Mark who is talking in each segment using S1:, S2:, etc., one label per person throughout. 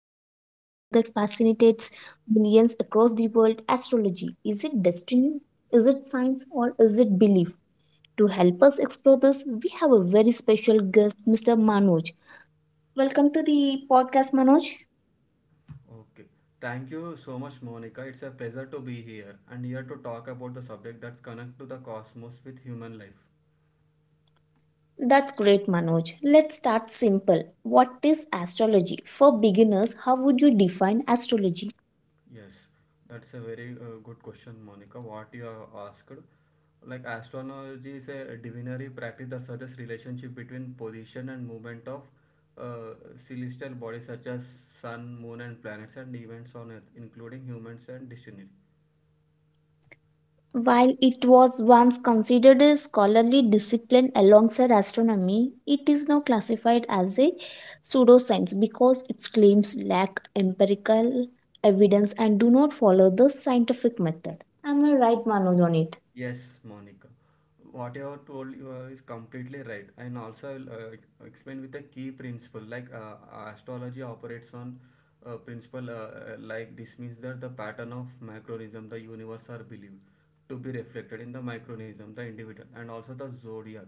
S1: into a topic that fascinates millions across the world, astrology. Is it destiny? Is it science? Or is it belief? To help us explore this, we have a very special guest, Mr. Manoj. Welcome to the podcast, Manoj.
S2: Okay. Thank you so much, Monica. It's a pleasure to be here and here to talk about the subject that's connect to the cosmos with human life.
S1: That's great, Manoj. Let's start simple. What is astrology? For beginners, how would you define astrology?
S2: Yes, that's a very good question, Monica. What you have asked, like astrology is a divinary practice that suggests relationship between position and movement of uh, celestial bodies such as sun, moon, and planets and events on Earth, including humans and destiny.
S1: While it was once considered a scholarly discipline alongside astronomy, it is now classified as a pseudoscience because its claims lack empirical evidence and do not follow the scientific method. Am I right, Manoj, on it?
S2: Yes, Monica. What you have told you is completely right. And also, I'll explain with the key principle. Like astrology operates on principle, like this means that the pattern of micronism, the universe are believed to be reflected in the micronism, the individual, and also the zodiac,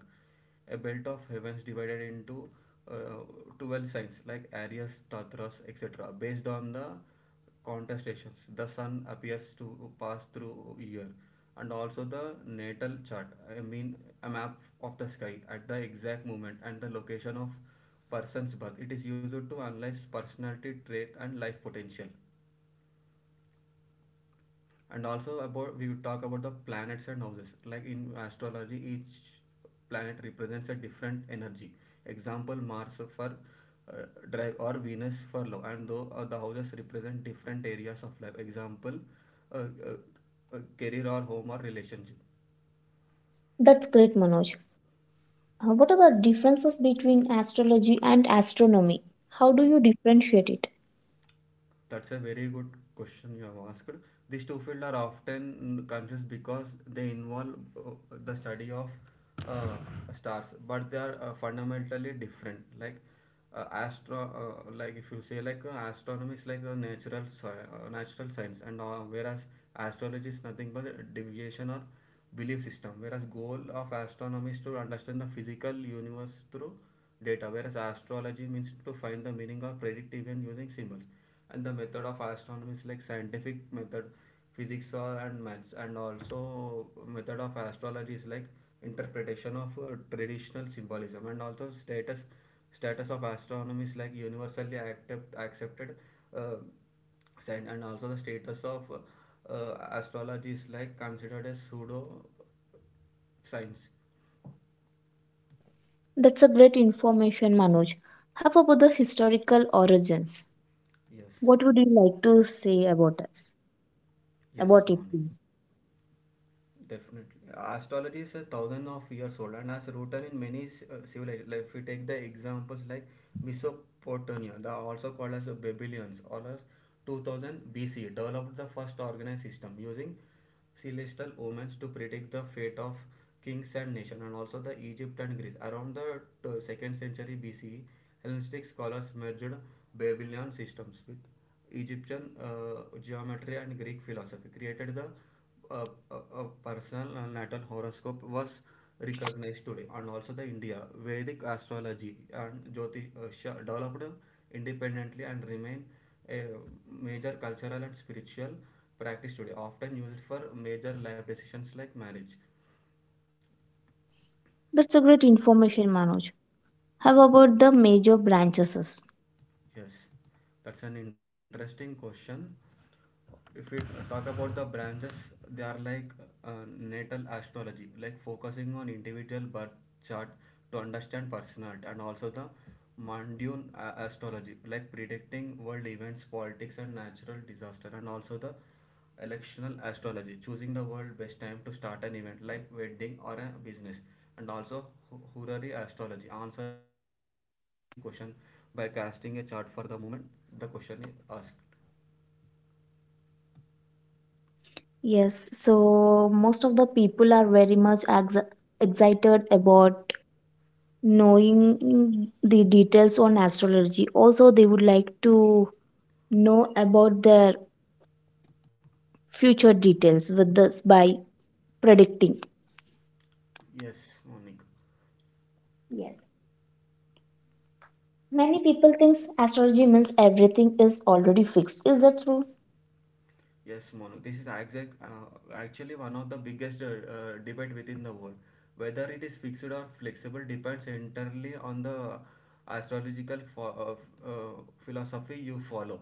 S2: a belt of heavens divided into uh, 12 signs like Aries, Tatras, etc., based on the contestations the sun appears to pass through year, and also the natal chart, I mean a map of the sky at the exact moment and the location of person's birth. It is used to analyze personality trait and life potential. And also, about we would talk about the planets and houses, like in astrology each planet represents a different energy, example mars for uh, drive or venus for love. And though the houses represent different areas of life, example uh, uh, career or home or relationship.
S1: That's great, Manoj. What are the differences between astrology and astronomy? How do you differentiate it?
S2: That's a very good question you have asked. These two fields are often confused because they involve the study of uh, stars, but they are fundamentally different. Like like if you say like astronomy is like a natural natural science, and whereas astrology is nothing but a deviation or belief system. Whereas goal of astronomy is to understand the physical universe through data, whereas astrology means to find the meaning or predict event using symbols, and the method of astronomy is like scientific method, physics or and maths, and also method of astrology is like interpretation of traditional symbolism, and also status of astronomy is like universally accepted, uh, and also the status of astrology is like considered as pseudo science.
S1: That's a great information, Manoj. How about the historical origins?
S2: Yes.
S1: What would you like to say about us?
S2: Yes,
S1: About it
S2: Monica.
S1: means.
S2: Definitely. Astrology is a thousand of years old and has rooted in many civilizations. Like if we take the examples like Mesopotamia, the also called as the Babylonians, or as 2000 BC, developed the first organized system using celestial omens to predict the fate of kings and nations, and also the Egypt and Greece. Around the second century BC, Hellenistic scholars merged Babylonian systems with Egyptian geometry and Greek philosophy, created the a, a, personal natal horoscope was recognized today. And also the India Vedic astrology and Jyotisha developed independently and remain a major cultural and spiritual practice today, often used for major life decisions like marriage.
S1: That's a great information, Manoj. How about the major branches?
S2: Yes, that's an interesting question. If we talk about the branches, they are like uh, natal astrology, like focusing on individual birth chart to understand personality, and also the Mandyun astrology, like predicting world events, politics, and natural disaster, and also the electional astrology, choosing the world best time to start an event like wedding or a business, and also horary astrology, answering a specific question by casting a chart for the moment the question is asked.
S1: Yes, so most of the people are very much excited about knowing the details on astrology. Also, they would like to know about their future details with this by predicting.
S2: Yes, Monik.
S1: Yes. Many people thinks astrology means everything is already fixed. Is that true?
S2: Yes, Monik, this is exact, actually one of the biggest debate within the world, whether it is fixed or flexible depends entirely on the astrological philosophy you follow.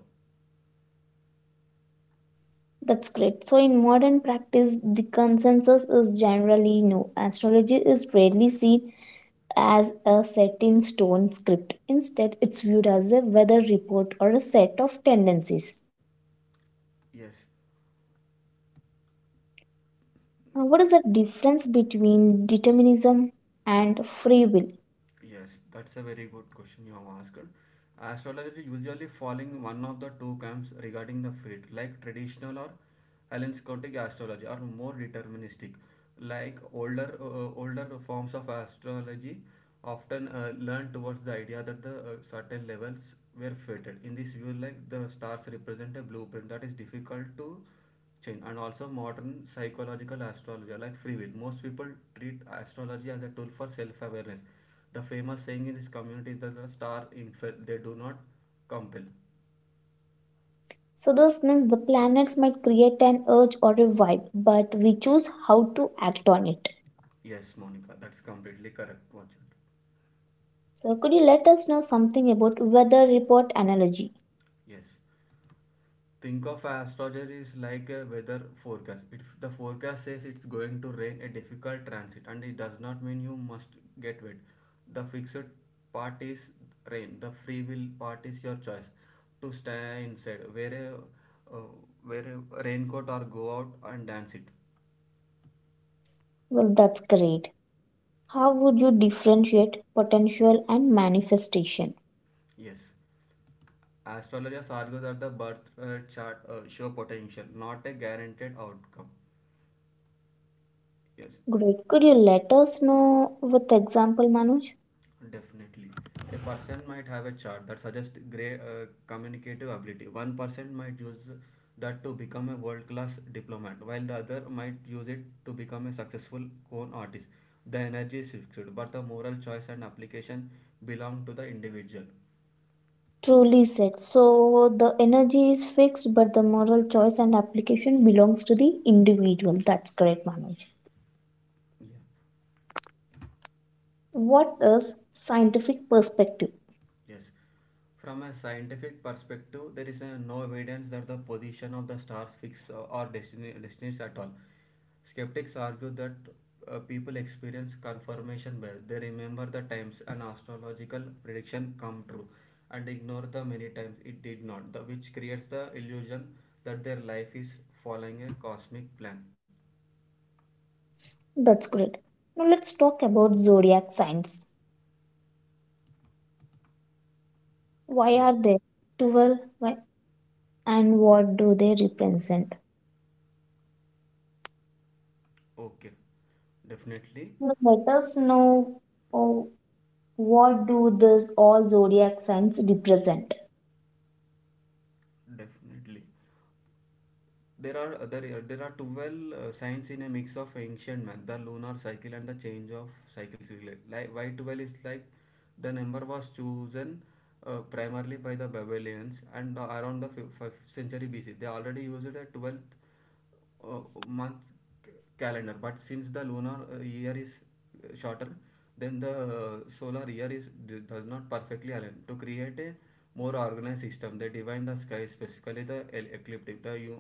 S1: That's great. So, in modern practice, the consensus is generally no. Astrology is rarely seen as a set in stone script. Instead, it's viewed as a weather report or a set of tendencies.
S2: Yes.
S1: Now, what is the difference between determinism and free will?
S2: Yes, that's a very good question you have asked. Astrology usually falling one of the two camps regarding the fate, like traditional or Hellenistic astrology, or more deterministic, like older forms of astrology often learn towards the idea that the certain levels were fated. In this view, like the stars represent a blueprint that is difficult to chain. And also modern psychological astrology, like free will, most people treat astrology as a tool for self-awareness. The famous saying in this community is that the star infer, they do not compel.
S1: So, this means the planets might create an urge or a vibe, but we choose how to act on it.
S2: Yes, Monica, that's completely correct. Watch it?
S1: So, could you let us know something about weather report analogy?
S2: Yes. Think of astrology is like a weather forecast. If the forecast says it's going to rain, a difficult transit, and it does not mean you must get wet. The fixed part is rain. The free will part is your choice to stay inside, wear a raincoat, or go out and dance it.
S1: Well, that's great. How would you differentiate potential and manifestation?
S2: Yes, astrologers argue that the birth chart show potential, not a guaranteed outcome. Yes.
S1: Great. Could you let us know with example, Manoj?
S2: Definitely. A person might have a chart that suggests great communicative ability. One person might use that to become a world class diplomat, while the other might use it to become a successful con artist. The energy is fixed, but the moral choice and application belong to the individual.
S1: Truly said. So the energy is fixed, but the moral choice and application belongs to the individual. That's great, Manoj.
S2: Yeah.
S1: What is scientific perspective?
S2: Yes. From a scientific perspective, there is no evidence that the position of the stars fix destinies at all. Skeptics argue that people experience confirmation bias. They remember the times an astrological prediction come true and ignore the many times it did not, which creates the illusion that their life is following a cosmic plan.
S1: That's great. Now let's talk about zodiac signs. Why
S2: Yes.
S1: are they 12? Why and what do they represent?
S2: Okay. Definitely.
S1: Now let us know. Oh. What do these all zodiac signs represent?
S2: Definitely. There are 12 signs in a mix of ancient math, the lunar cycle and the change of cycles. Like why 12 is like the number was chosen primarily by the Babylonians and around the 5th century BC. They already used a 12th uh, month calendar, but since the lunar year is shorter then the solar year is, does not perfectly align. To create a more organized system, they divide the sky, specifically the ecliptic, the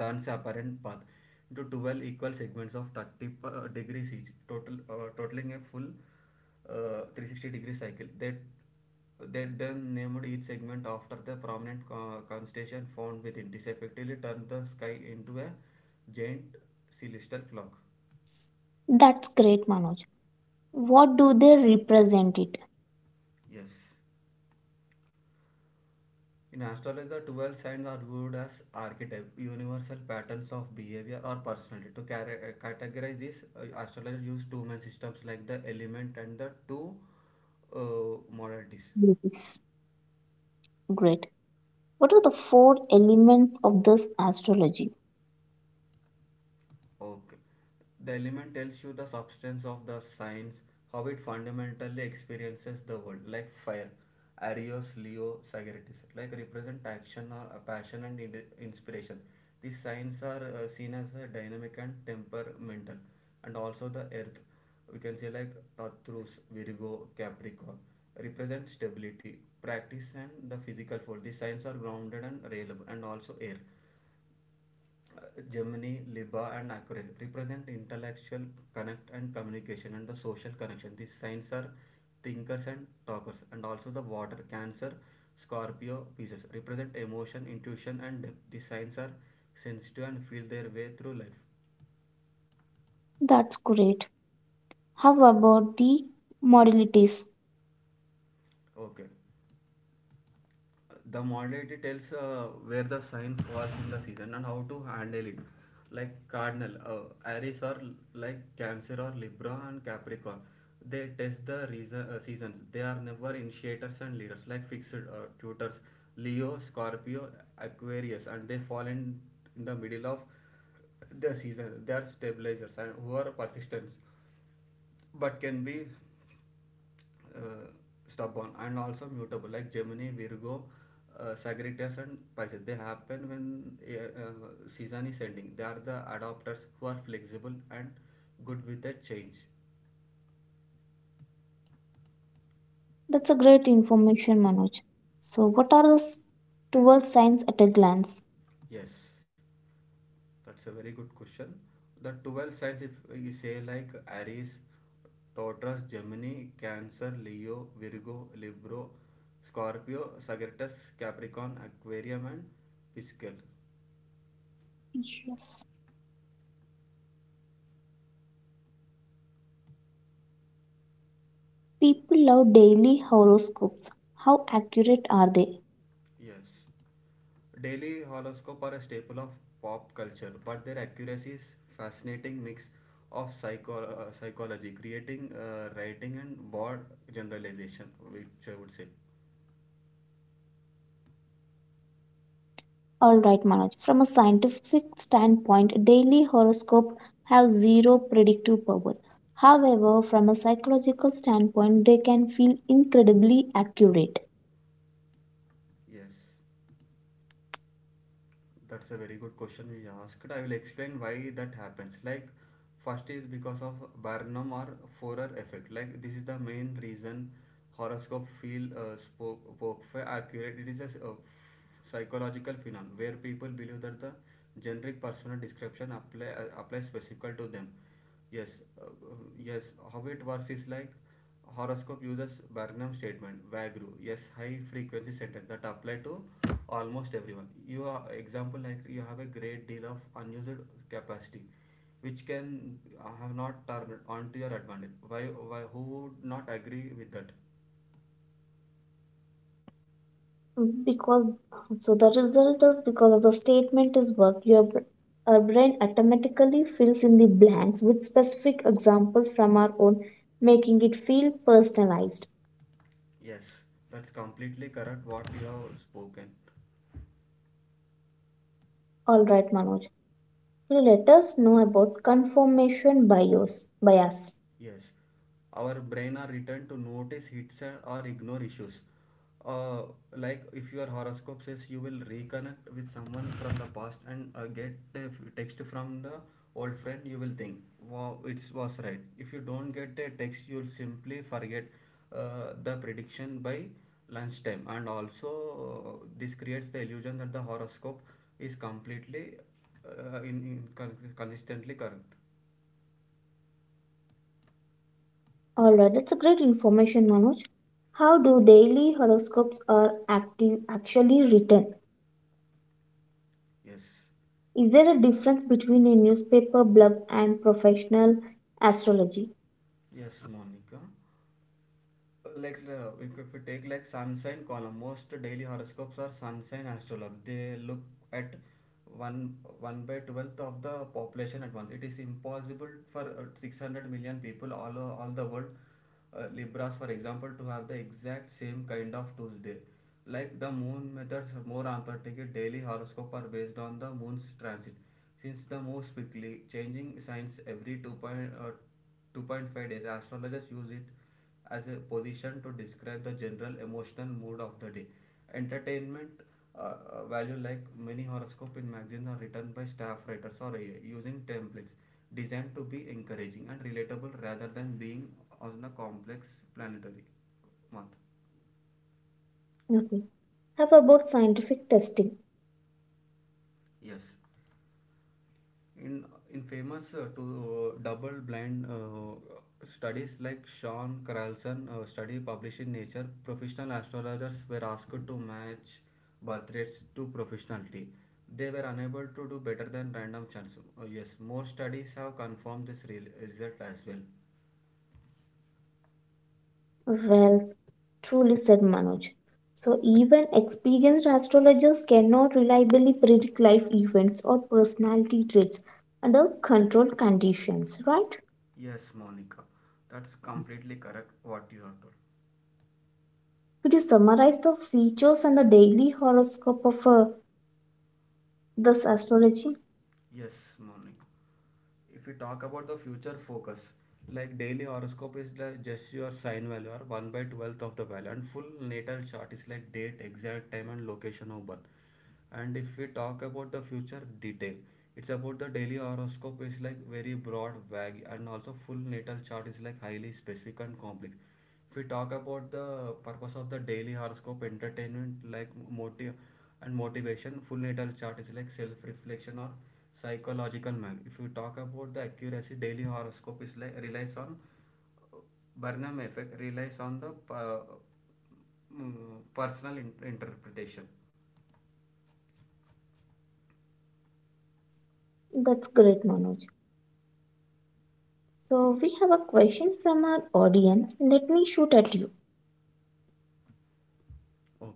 S2: sun's apparent path, into 12 equal segments of 30 degrees each, totaling a full 360-degree cycle. That they then named each segment after the prominent constellation found within. This effectively turned the sky into a giant celestial clock.
S1: That's great, Manoj. What do they represent it?
S2: Yes. In astrology, the 12 signs are viewed as archetype, universal patterns of behavior or personality. To categorize this, astrologers use two main systems, like the element and the two uh, modalities.
S1: Yes. Great. What are the four elements of this astrology?
S2: Okay. The element tells you the substance of the signs, how it fundamentally experiences the world, like fire. Arios, Leo, Sagittarius, like represent action or a passion and inspiration. These signs are seen as a dynamic and temperamental, and also the earth. We can say like Taurus, Virgo, Capricorn represent stability, practice, and the physical force. These signs are grounded and reliable, and also air, Gemini, Libra, and Aquarius represent intellectual connect and communication and the social connection. These signs are thinkers and talkers, and also the water, Cancer, Scorpio, Pisces represent emotion, intuition, and depth. These signs are sensitive and feel their way through life.
S1: That's great. How about the modalities?
S2: Okay, the modality tells where the sign falls in the season and how to handle it, like cardinal, aries or like cancer or libra and capricorn, they test the seasons, they are never initiators and leaders. Like fixed, tutors, leo, scorpio, aquarius, and they fall in the middle of the season. They are stabilizers and who are persistence, but can be uh, stubborn. And also mutable, like gemini, virgo, sagittarius and pisces, they happen when season is ending. They are the adopters, who are flexible and good with the change.
S1: That's a great information, Manoj. So, what are the 12 signs at a glance?
S2: Yes, that's a very good question. The 12 signs, if you say, like aries, taurus, gemini, cancer, leo, virgo, Libra, scorpio, sagittarius, capricorn, Aquarius, and pisces.
S1: Yes. People love daily horoscopes. How accurate are they?
S2: Yes. Daily horoscopes are a staple of pop culture, but their accuracy is fascinating mix of psychology, creating, writing, and broad generalization, which I would say.
S1: All right, Manoj. From a scientific standpoint, daily horoscope have zero predictive power. However, from a psychological standpoint, they can feel incredibly accurate.
S2: Yes, that's a very good question you asked. I will explain why that happens. Like first is because of barnum or forer effect, like this is the main reason horoscope feel spoke for accurate. It is a psychological phenomenon where people believe that the generic personal description applies specifically to them. Yes, uh, yes. How it works is like horoscope uses Barnum statement, Vagru. Yes, high frequency sentence that apply to almost everyone. You are example, like you have a great deal of unused capacity, which can have not turned on to your advantage. Why, why? Who would not agree with that?
S1: Because so the result is because of the statement is work, your our brain automatically fills in the blanks with specific examples from our own, making it feel personalized.
S2: Yes, that's completely correct. What you have spoken.
S1: All right, Manoj. Now let us know about confirmation bias. Bias.
S2: Yes, our brain are returned to notice hits and- or ignore issues. Uh, like if your horoscope says you will reconnect with someone from the past and text from the old friend, you will think, wow, it was right. If you don't get a text, you'll simply forget the prediction by lunchtime. And also, this creates the illusion that the horoscope is completely in consistently correct.
S1: All right, that's a great information, Manoj. How do daily horoscopes are active actually written?
S2: Yes,
S1: Is there a difference between a newspaper blurb and professional astrology?
S2: yes, Monica. Like, if you take, like, sun sign column, most daily horoscopes are sun sign astrologue. They look at 1 by 12th of the population at once. It is impossible for 600 million people, all the world, Libras for example, to have the exact same kind of Tuesday. Like the moon methods are more authentic. Daily horoscope are based on the moon's transit. Since the moon is quickly changing signs every 2.5 days, astrologers use it as a position to describe the general emotional mood of the day. Entertainment value, like many horoscope in magazines are written by staff writers or AI using templates designed to be encouraging and relatable rather than being on a complex planetary month.
S1: Okay. How about scientific testing?
S2: Yes. In in famous to double blind studies like Sean Carlson study published in Nature, professional astrologers were asked to match birth rates to professionality. They were unable to do better than random chance. Oh, yes, more studies have confirmed this real result as well.
S1: Well, truly said Manoj. So, even experienced astrologers cannot reliably predict life events or personality traits under controlled conditions, right?
S2: Yes, Monica, that's completely correct what you have told.
S1: Could you summarize the features and the daily horoscope of a this astrology?
S2: Yes, morning. If we talk about the future focus, like daily horoscope is like just your sign value or 1 by 12th of the value, and full natal chart is like date, exact time, and location of birth. And if we talk about the future detail, it's about the daily horoscope is like very broad vague, and also full natal chart is like highly specific and complex. If we talk about the purpose of the daily horoscope, entertainment like motive and motivation, full natal chart is like self reflection or psychological mag. If you talk about the accuracy, daily horoscope is like relies on uh, Burnham effect, relies on the personal interpretation.
S1: That's great, Manoj. So, we have a question from our audience. Let me shoot at you.
S2: Okay.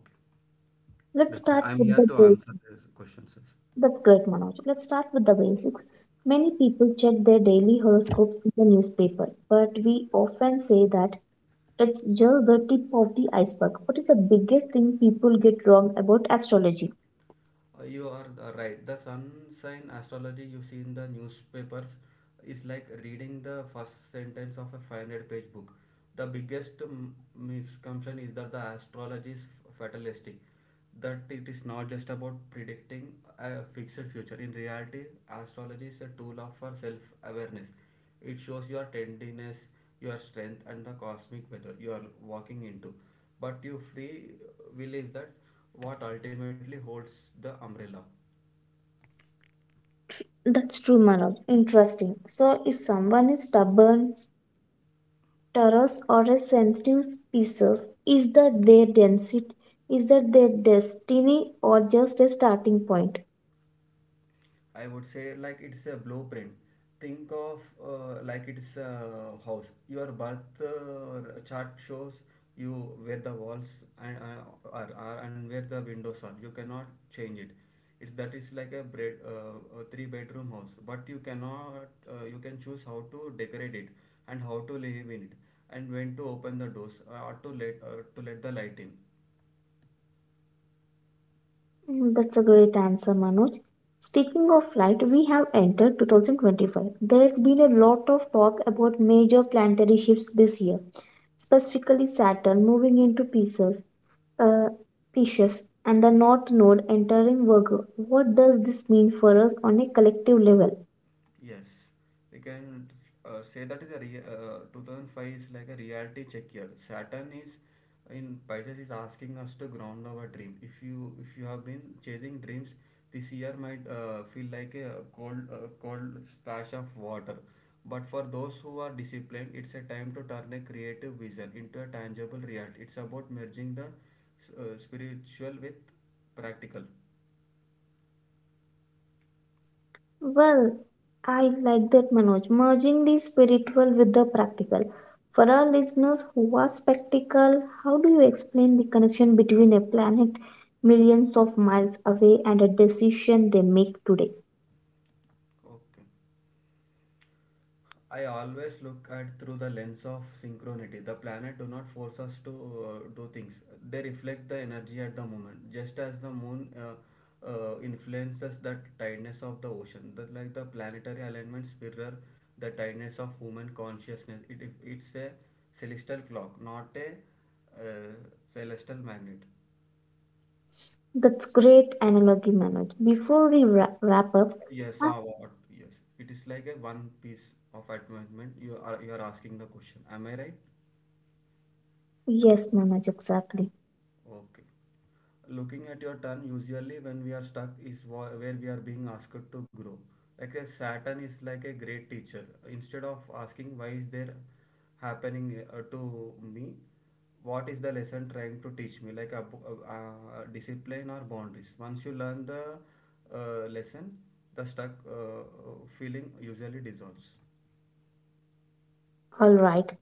S1: Let's
S2: Definitely.
S1: start
S2: I'm
S1: with
S2: here
S1: the
S2: to
S1: basics.
S2: answer these questions. Yes.
S1: That's great, Manoj. Let's start with the basics. Many people check their daily horoscopes in the newspaper, but we often say that it's just the tip of the iceberg. What is the biggest thing people get wrong about astrology?
S2: You are right. The sun sign astrology you see in the newspapers is like reading the first sentence of a 500-page book. The biggest misconception is that the astrology is fatalistic, that it is not just about predicting a fixed future. In reality, astrology is a tool of for self awareness. It shows your tenderness, your strength, and the cosmic weather you are walking into. But your free will is that what ultimately holds the umbrella.
S1: That's true, Manoj. Interesting. So, if someone is stubborn, Taurus or a sensitive species? Is that their density? Is that their destiny or just a starting point?
S2: I would say like it's a blueprint. Think of like it's a house. Your birth chart shows you where the walls are and where the windows are. You cannot change it. It's that is like a three-bedroom house, but you cannot you can choose how to decorate it and how to live in it and when to open the doors or to let the light in.
S1: Mm, that's a great answer, Manoj. Speaking of flight, we have entered 2025. There's been a lot of talk about major planetary shifts this year, specifically Saturn moving into Pisces, uh, Pisces, and the North Node entering Virgo. What does this mean for us on a collective level?
S2: Yes, we can say that is a 2005 is like a reality check year. Saturn is in Pisces is asking us to ground our dream. If you have been chasing dreams, this year might feel like a cold splash of water. But for those who are disciplined, it's a time to turn a creative vision into a tangible reality. It's about merging the spiritual with practical.
S1: Well, I like that, Manoj. Merging the spiritual with the practical. For our listeners who are spectacle, how do you explain the connection between a planet millions of miles away and a decision they make today?
S2: Okay. I always look at through the lens of synchronicity. The planet do not force us to do things; they reflect the energy at the moment. Just as the moon influences the tidiness of the ocean, that like the planetary alignments mirror the tidiness of human consciousness. It's a celestial clock, not a uh, celestial magnet.
S1: That's great analogy, Manoj. Before we wrap up,
S2: Yes,
S1: ah,
S2: or what? Yes, it is like a one piece of advancement. You are asking the question. Am I right?
S1: yes, Manoj, exactly.
S2: Okay. Looking at your turn, usually when we are stuck, is where we are being asked to grow. Like a Saturn is like a great teacher. Instead of asking why is there happening to me, what is the lesson trying to teach me? Like a, discipline or boundaries. Once you learn the lesson, the stuck feeling usually dissolves.
S1: All right.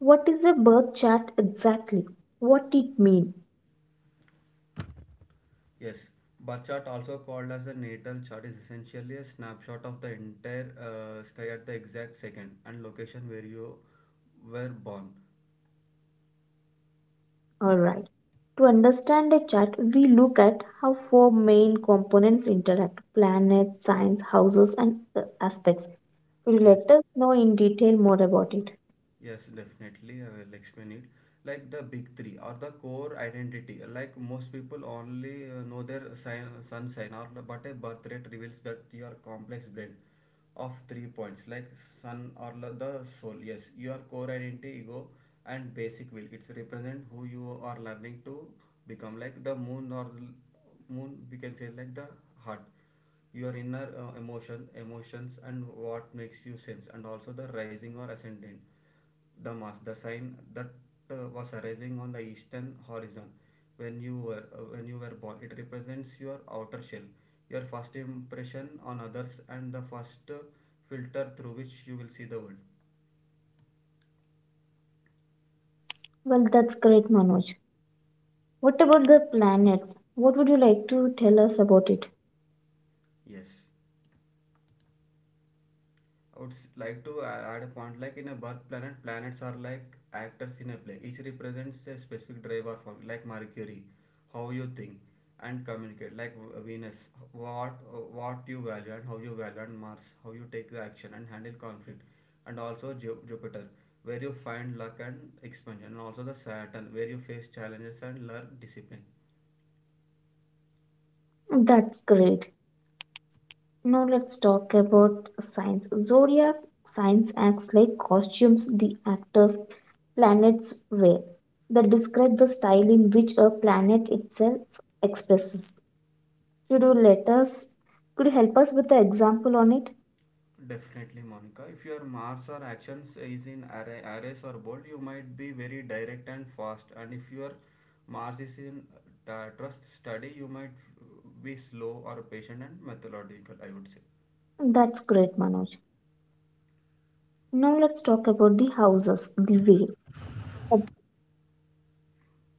S1: What is a birth chart exactly? What it mean?
S2: Yes, bar chart also called as the natal chart is essentially a snapshot of the entire sky at the exact second and location where you were born.
S1: Alright. To understand a chart, we look at how four main components interact planets, signs, houses, and aspects. Could you
S2: Yes.
S1: let us know in detail more about it?
S2: Yes, definitely. I will explain it. Like the big three or the core identity. Like most people only know their sign, sun sign, or but a birth rate reveals that your complex blend of 3 points, like sun or the soul. Yes, your core identity, ego, and basic will. It's represent who you are learning to become. Like the moon or moon, we can say like the heart, your inner emotions and what makes you sense. And also the rising or ascendant, the mass, the sign that was arising on the eastern horizon when you were born. It represents your outer shell, your first impression on others, and the first filter through which you will see the world.
S1: Well, that's great, Manoj. What about the planets? What would you like to tell us about it?
S2: Yes, like to add a point like in a planets are like actors in a play. Each represents a specific drive or function, like Mercury, how you think and communicate, like Venus, what what you value and how you value, and Mars, how you take the action and handle conflict, and also Jupiter, where you find luck and expansion, and also the Saturn, where you face challenges and learn discipline.
S1: That's great. Now let's talk about signs. Zodiac signs acts like costumes the actors planets wear. They describe the style in which a planet itself expresses. Could you let us could you help us with the example on it?
S2: Definitely, Monica. If your marks or actions is in array, arrays or bold, you might be very direct and fast. And if your marks is in trust study, you might be slow or patient and methodological, I would say.
S1: That's great, Manoj. Now let's talk about the houses, the way. A,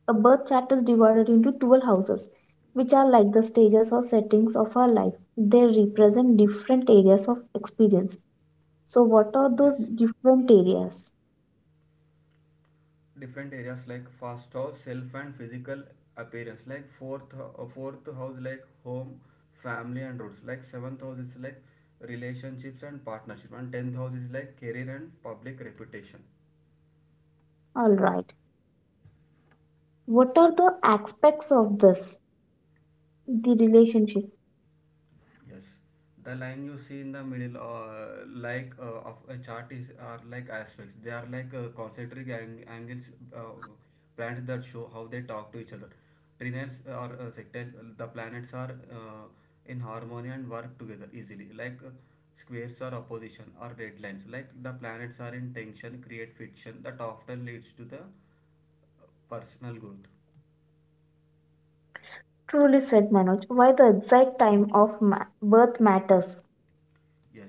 S1: a birth chart is divided into 12 houses, which are like the stages or settings of our life. They represent different areas of experience. So, what are
S2: Yes.
S1: those different areas?
S2: Different areas like first house, self and physical appearance. Like fourth house like home, family and roots. Like seventh house is like relationships and partnership. And tenth house is like career and public reputation.
S1: All right. What are the aspects of this? The relationship.
S2: Yes, the line you see in the middle, of a chart, is are like aspects. They are like concentric angles, uh, planets that show how they talk to each other. Trinets are sectile. The planets are uh, in harmony and work together easily. Like squares are opposition or red lines. Like the planets are in tension, create friction that often leads to the personal growth.
S1: Truly said Manoj. Why the exact time of birth matters.
S2: Yes,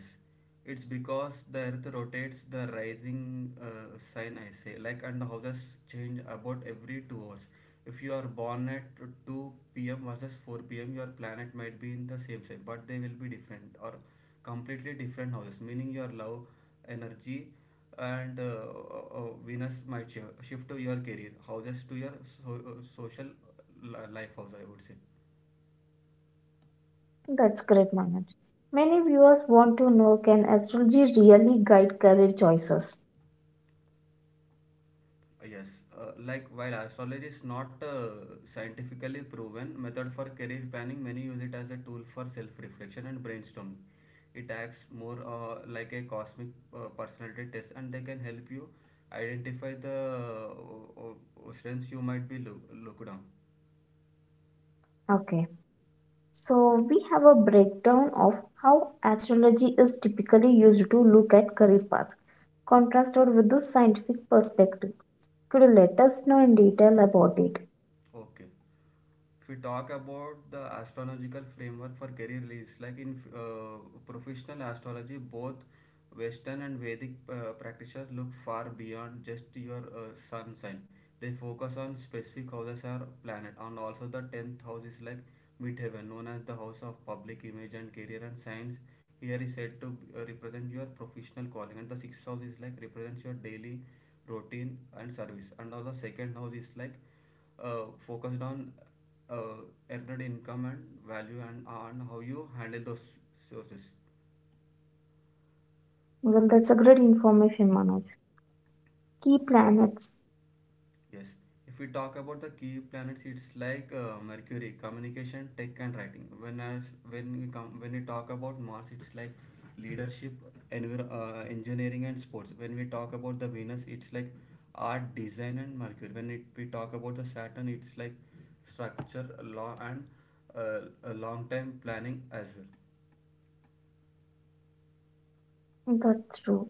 S2: it's because the earth rotates the rising sign, I say, like, and the houses change about every 2 hours. If you are born at 2 p.m. versus 4 p.m., your planet might be in the same sign, but they will be different or completely different houses, meaning your love, energy, and Venus might shift to your career, houses to your social life house, I would say.
S1: That's great, Manoj. Many viewers want to know, can astrology really guide career choices?
S2: Yes, like while astrology is not a scientifically proven method for career planning, many use it as a tool for self-reflection and brainstorming. It acts more like a cosmic personality test, and they can help you identify the strengths you might be looked down.
S1: Okay. So, we have a breakdown of how astrology is typically used to look at career paths, contrasted with the scientific perspective. Could you let us know in detail about it?
S2: Okay. If we talk about the astrological framework for career leads, like in uh, professional astrology, both western and vedic practitioners look far beyond just your sun sign. They focus on specific houses or planet. And also the 10th house is like midheaven known as the house of public image and career, and science here is said to represent your professional calling. And the sixth house is like represents your daily routine and service. And also second house is like focused on earned income and value and on how you handle those sources.
S1: Well, that's a great information, Manoj. Key planets.
S2: Yes. If we talk about the key planets, it's like Mercury, communication, tech, and writing. When as when we come when we talk about Mars, it's like leadership, engineering, and sports. When we talk about the Venus, it's like art, design, and Mercury. When we talk about the Saturn, it's like structure, law, and a long time planning as well.
S1: That's true.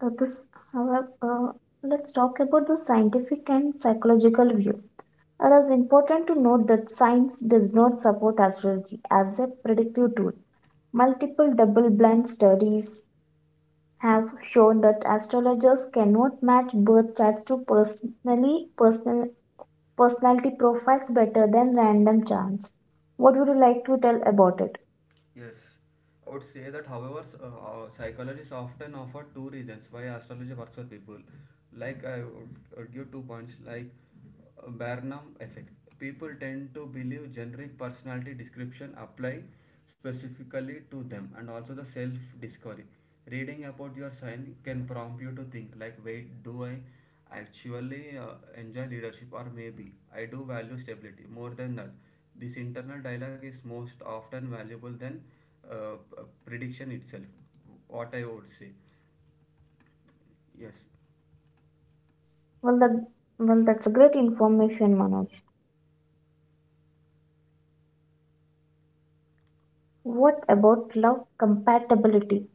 S1: That is, however, let's talk about the scientific and psychological view. It is important to note that science does not support astrology as a predictive tool. Multiple double blind studies have shown that astrologers cannot match birth charts to personal personality profiles better than random charts. What would you like to tell about it?
S2: Yes, I would say that, however, psychologists often offer two reasons why astrology works for people. Like, I would give 2 points, like Barnum effect. People tend to believe generic personality description apply specifically to them, and also the self discovery. Reading about your sign can prompt you to think, like, wait, do I actually enjoy leadership, or maybe I do value stability more than that. This internal dialogue is most often valuable than prediction itself, what I would say. Yes,
S1: Well, that, well, that's a great information, Manoj. What about love compatibility?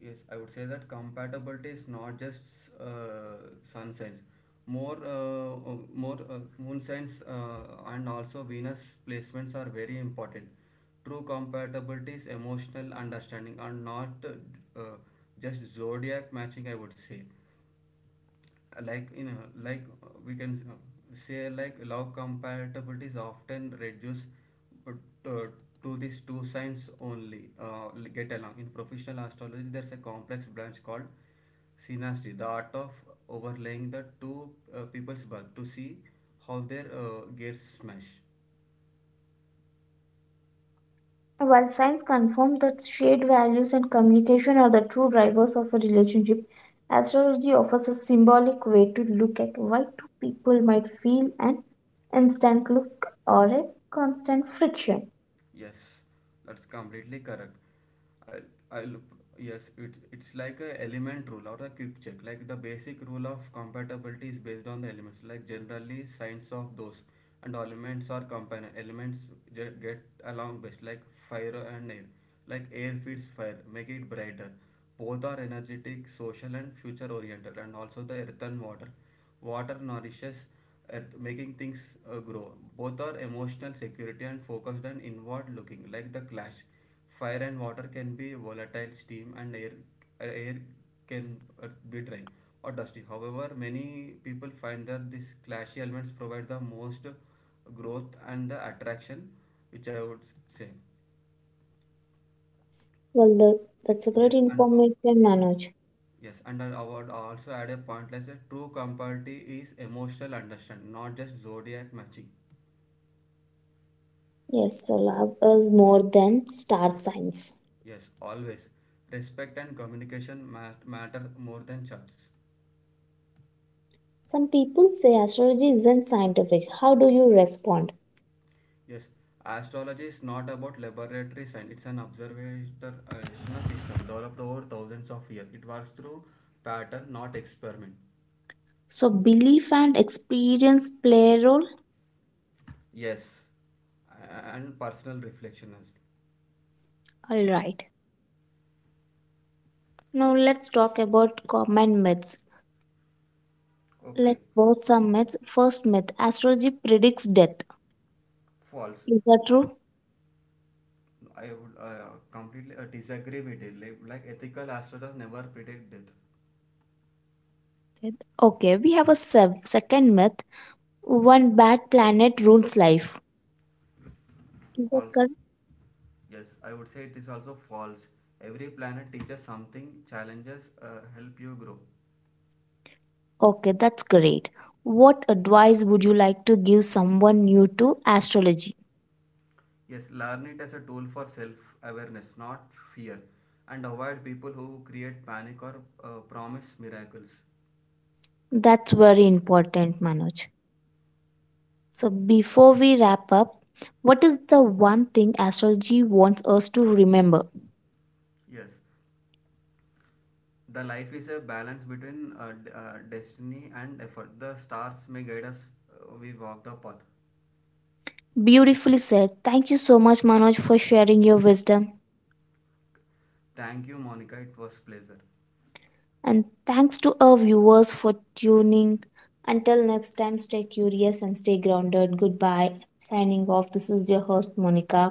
S2: yes, I would say that compatibility is not just sun signs. More moon signs and also Venus placements are very important. True compatibility is emotional understanding and not just zodiac matching, I would say. Like like we can say, like, log compatibility is often reduced, but uh, to these two signs only get along. In professional astrology there's a complex branch called synastry, the art of overlaying the two people's birth to see how their gears smash.
S1: While science confirms that shared values and communication are the true drivers of a relationship, astrology offers a symbolic way to look at why two people might feel an instant look or a constant friction.
S2: Yes, that's completely correct. I'll yes, it's like a element rule or a quick check. Like the basic rule of compatibility is based on the elements. Like generally, signs of those and elements are companion. Elements get along best, like fire and air. Like air feeds fire, make it brighter. Both are energetic, social, and future oriented, and also the earth and water. Water nourishes earth, making things grow. Both are emotional, security, and focused and inward looking, like the clash. Fire and water can be volatile, steam and air, air can be dry or dusty. However, many people find that these clashy elements provide the most growth and the attraction, which I would say.
S1: Well, the, that's a great
S2: Yes, and uh,
S1: information, Manoj.
S2: Yes, and I would also add a point like a true compatibility is emotional understanding, not just zodiac matching.
S1: Yes, so love is more than star signs.
S2: Yes, always. Respect and communication matter more than charts.
S1: Some people say astrology isn't scientific. How do you respond?
S2: Yes, astrology is not about laboratory science, it's an observational system developed over thousands of years. It works through pattern, not experiment.
S1: So, belief and experience play a role?
S2: Yes, and personal reflection as
S1: Alright. Now, let's talk about common myths.
S2: well. Okay,
S1: Let's both some myths. First myth, astrology predicts death.
S2: false.
S1: Is that true?
S2: I would completely disagree with it. Like ethical astrologers never predict death.
S1: Death. Okay, we have a sev- second myth, one bad planet ruins life. Is that
S2: Also,
S1: correct?
S2: yes, I would say it is also false. Every planet teaches something, challenges help you grow.
S1: Okay, that's great. What advice would you like to give someone new to astrology?
S2: Yes, learn it as a tool for self awareness, not fear, and avoid people who create panic or promise miracles.
S1: That's very important, Manoj. So, before we wrap up, what is the one thing astrology wants us to remember?
S2: Yes, the life is a balance between destiny and effort. The stars may guide us, we walk the path.
S1: Beautifully said. Thank you so much, Manoj, for sharing your wisdom.
S2: Thank you, Monica. It was a pleasure.
S1: And thanks to our viewers for tuning. Until next time, stay curious and stay grounded. Goodbye. Signing off. This is your host, Monica.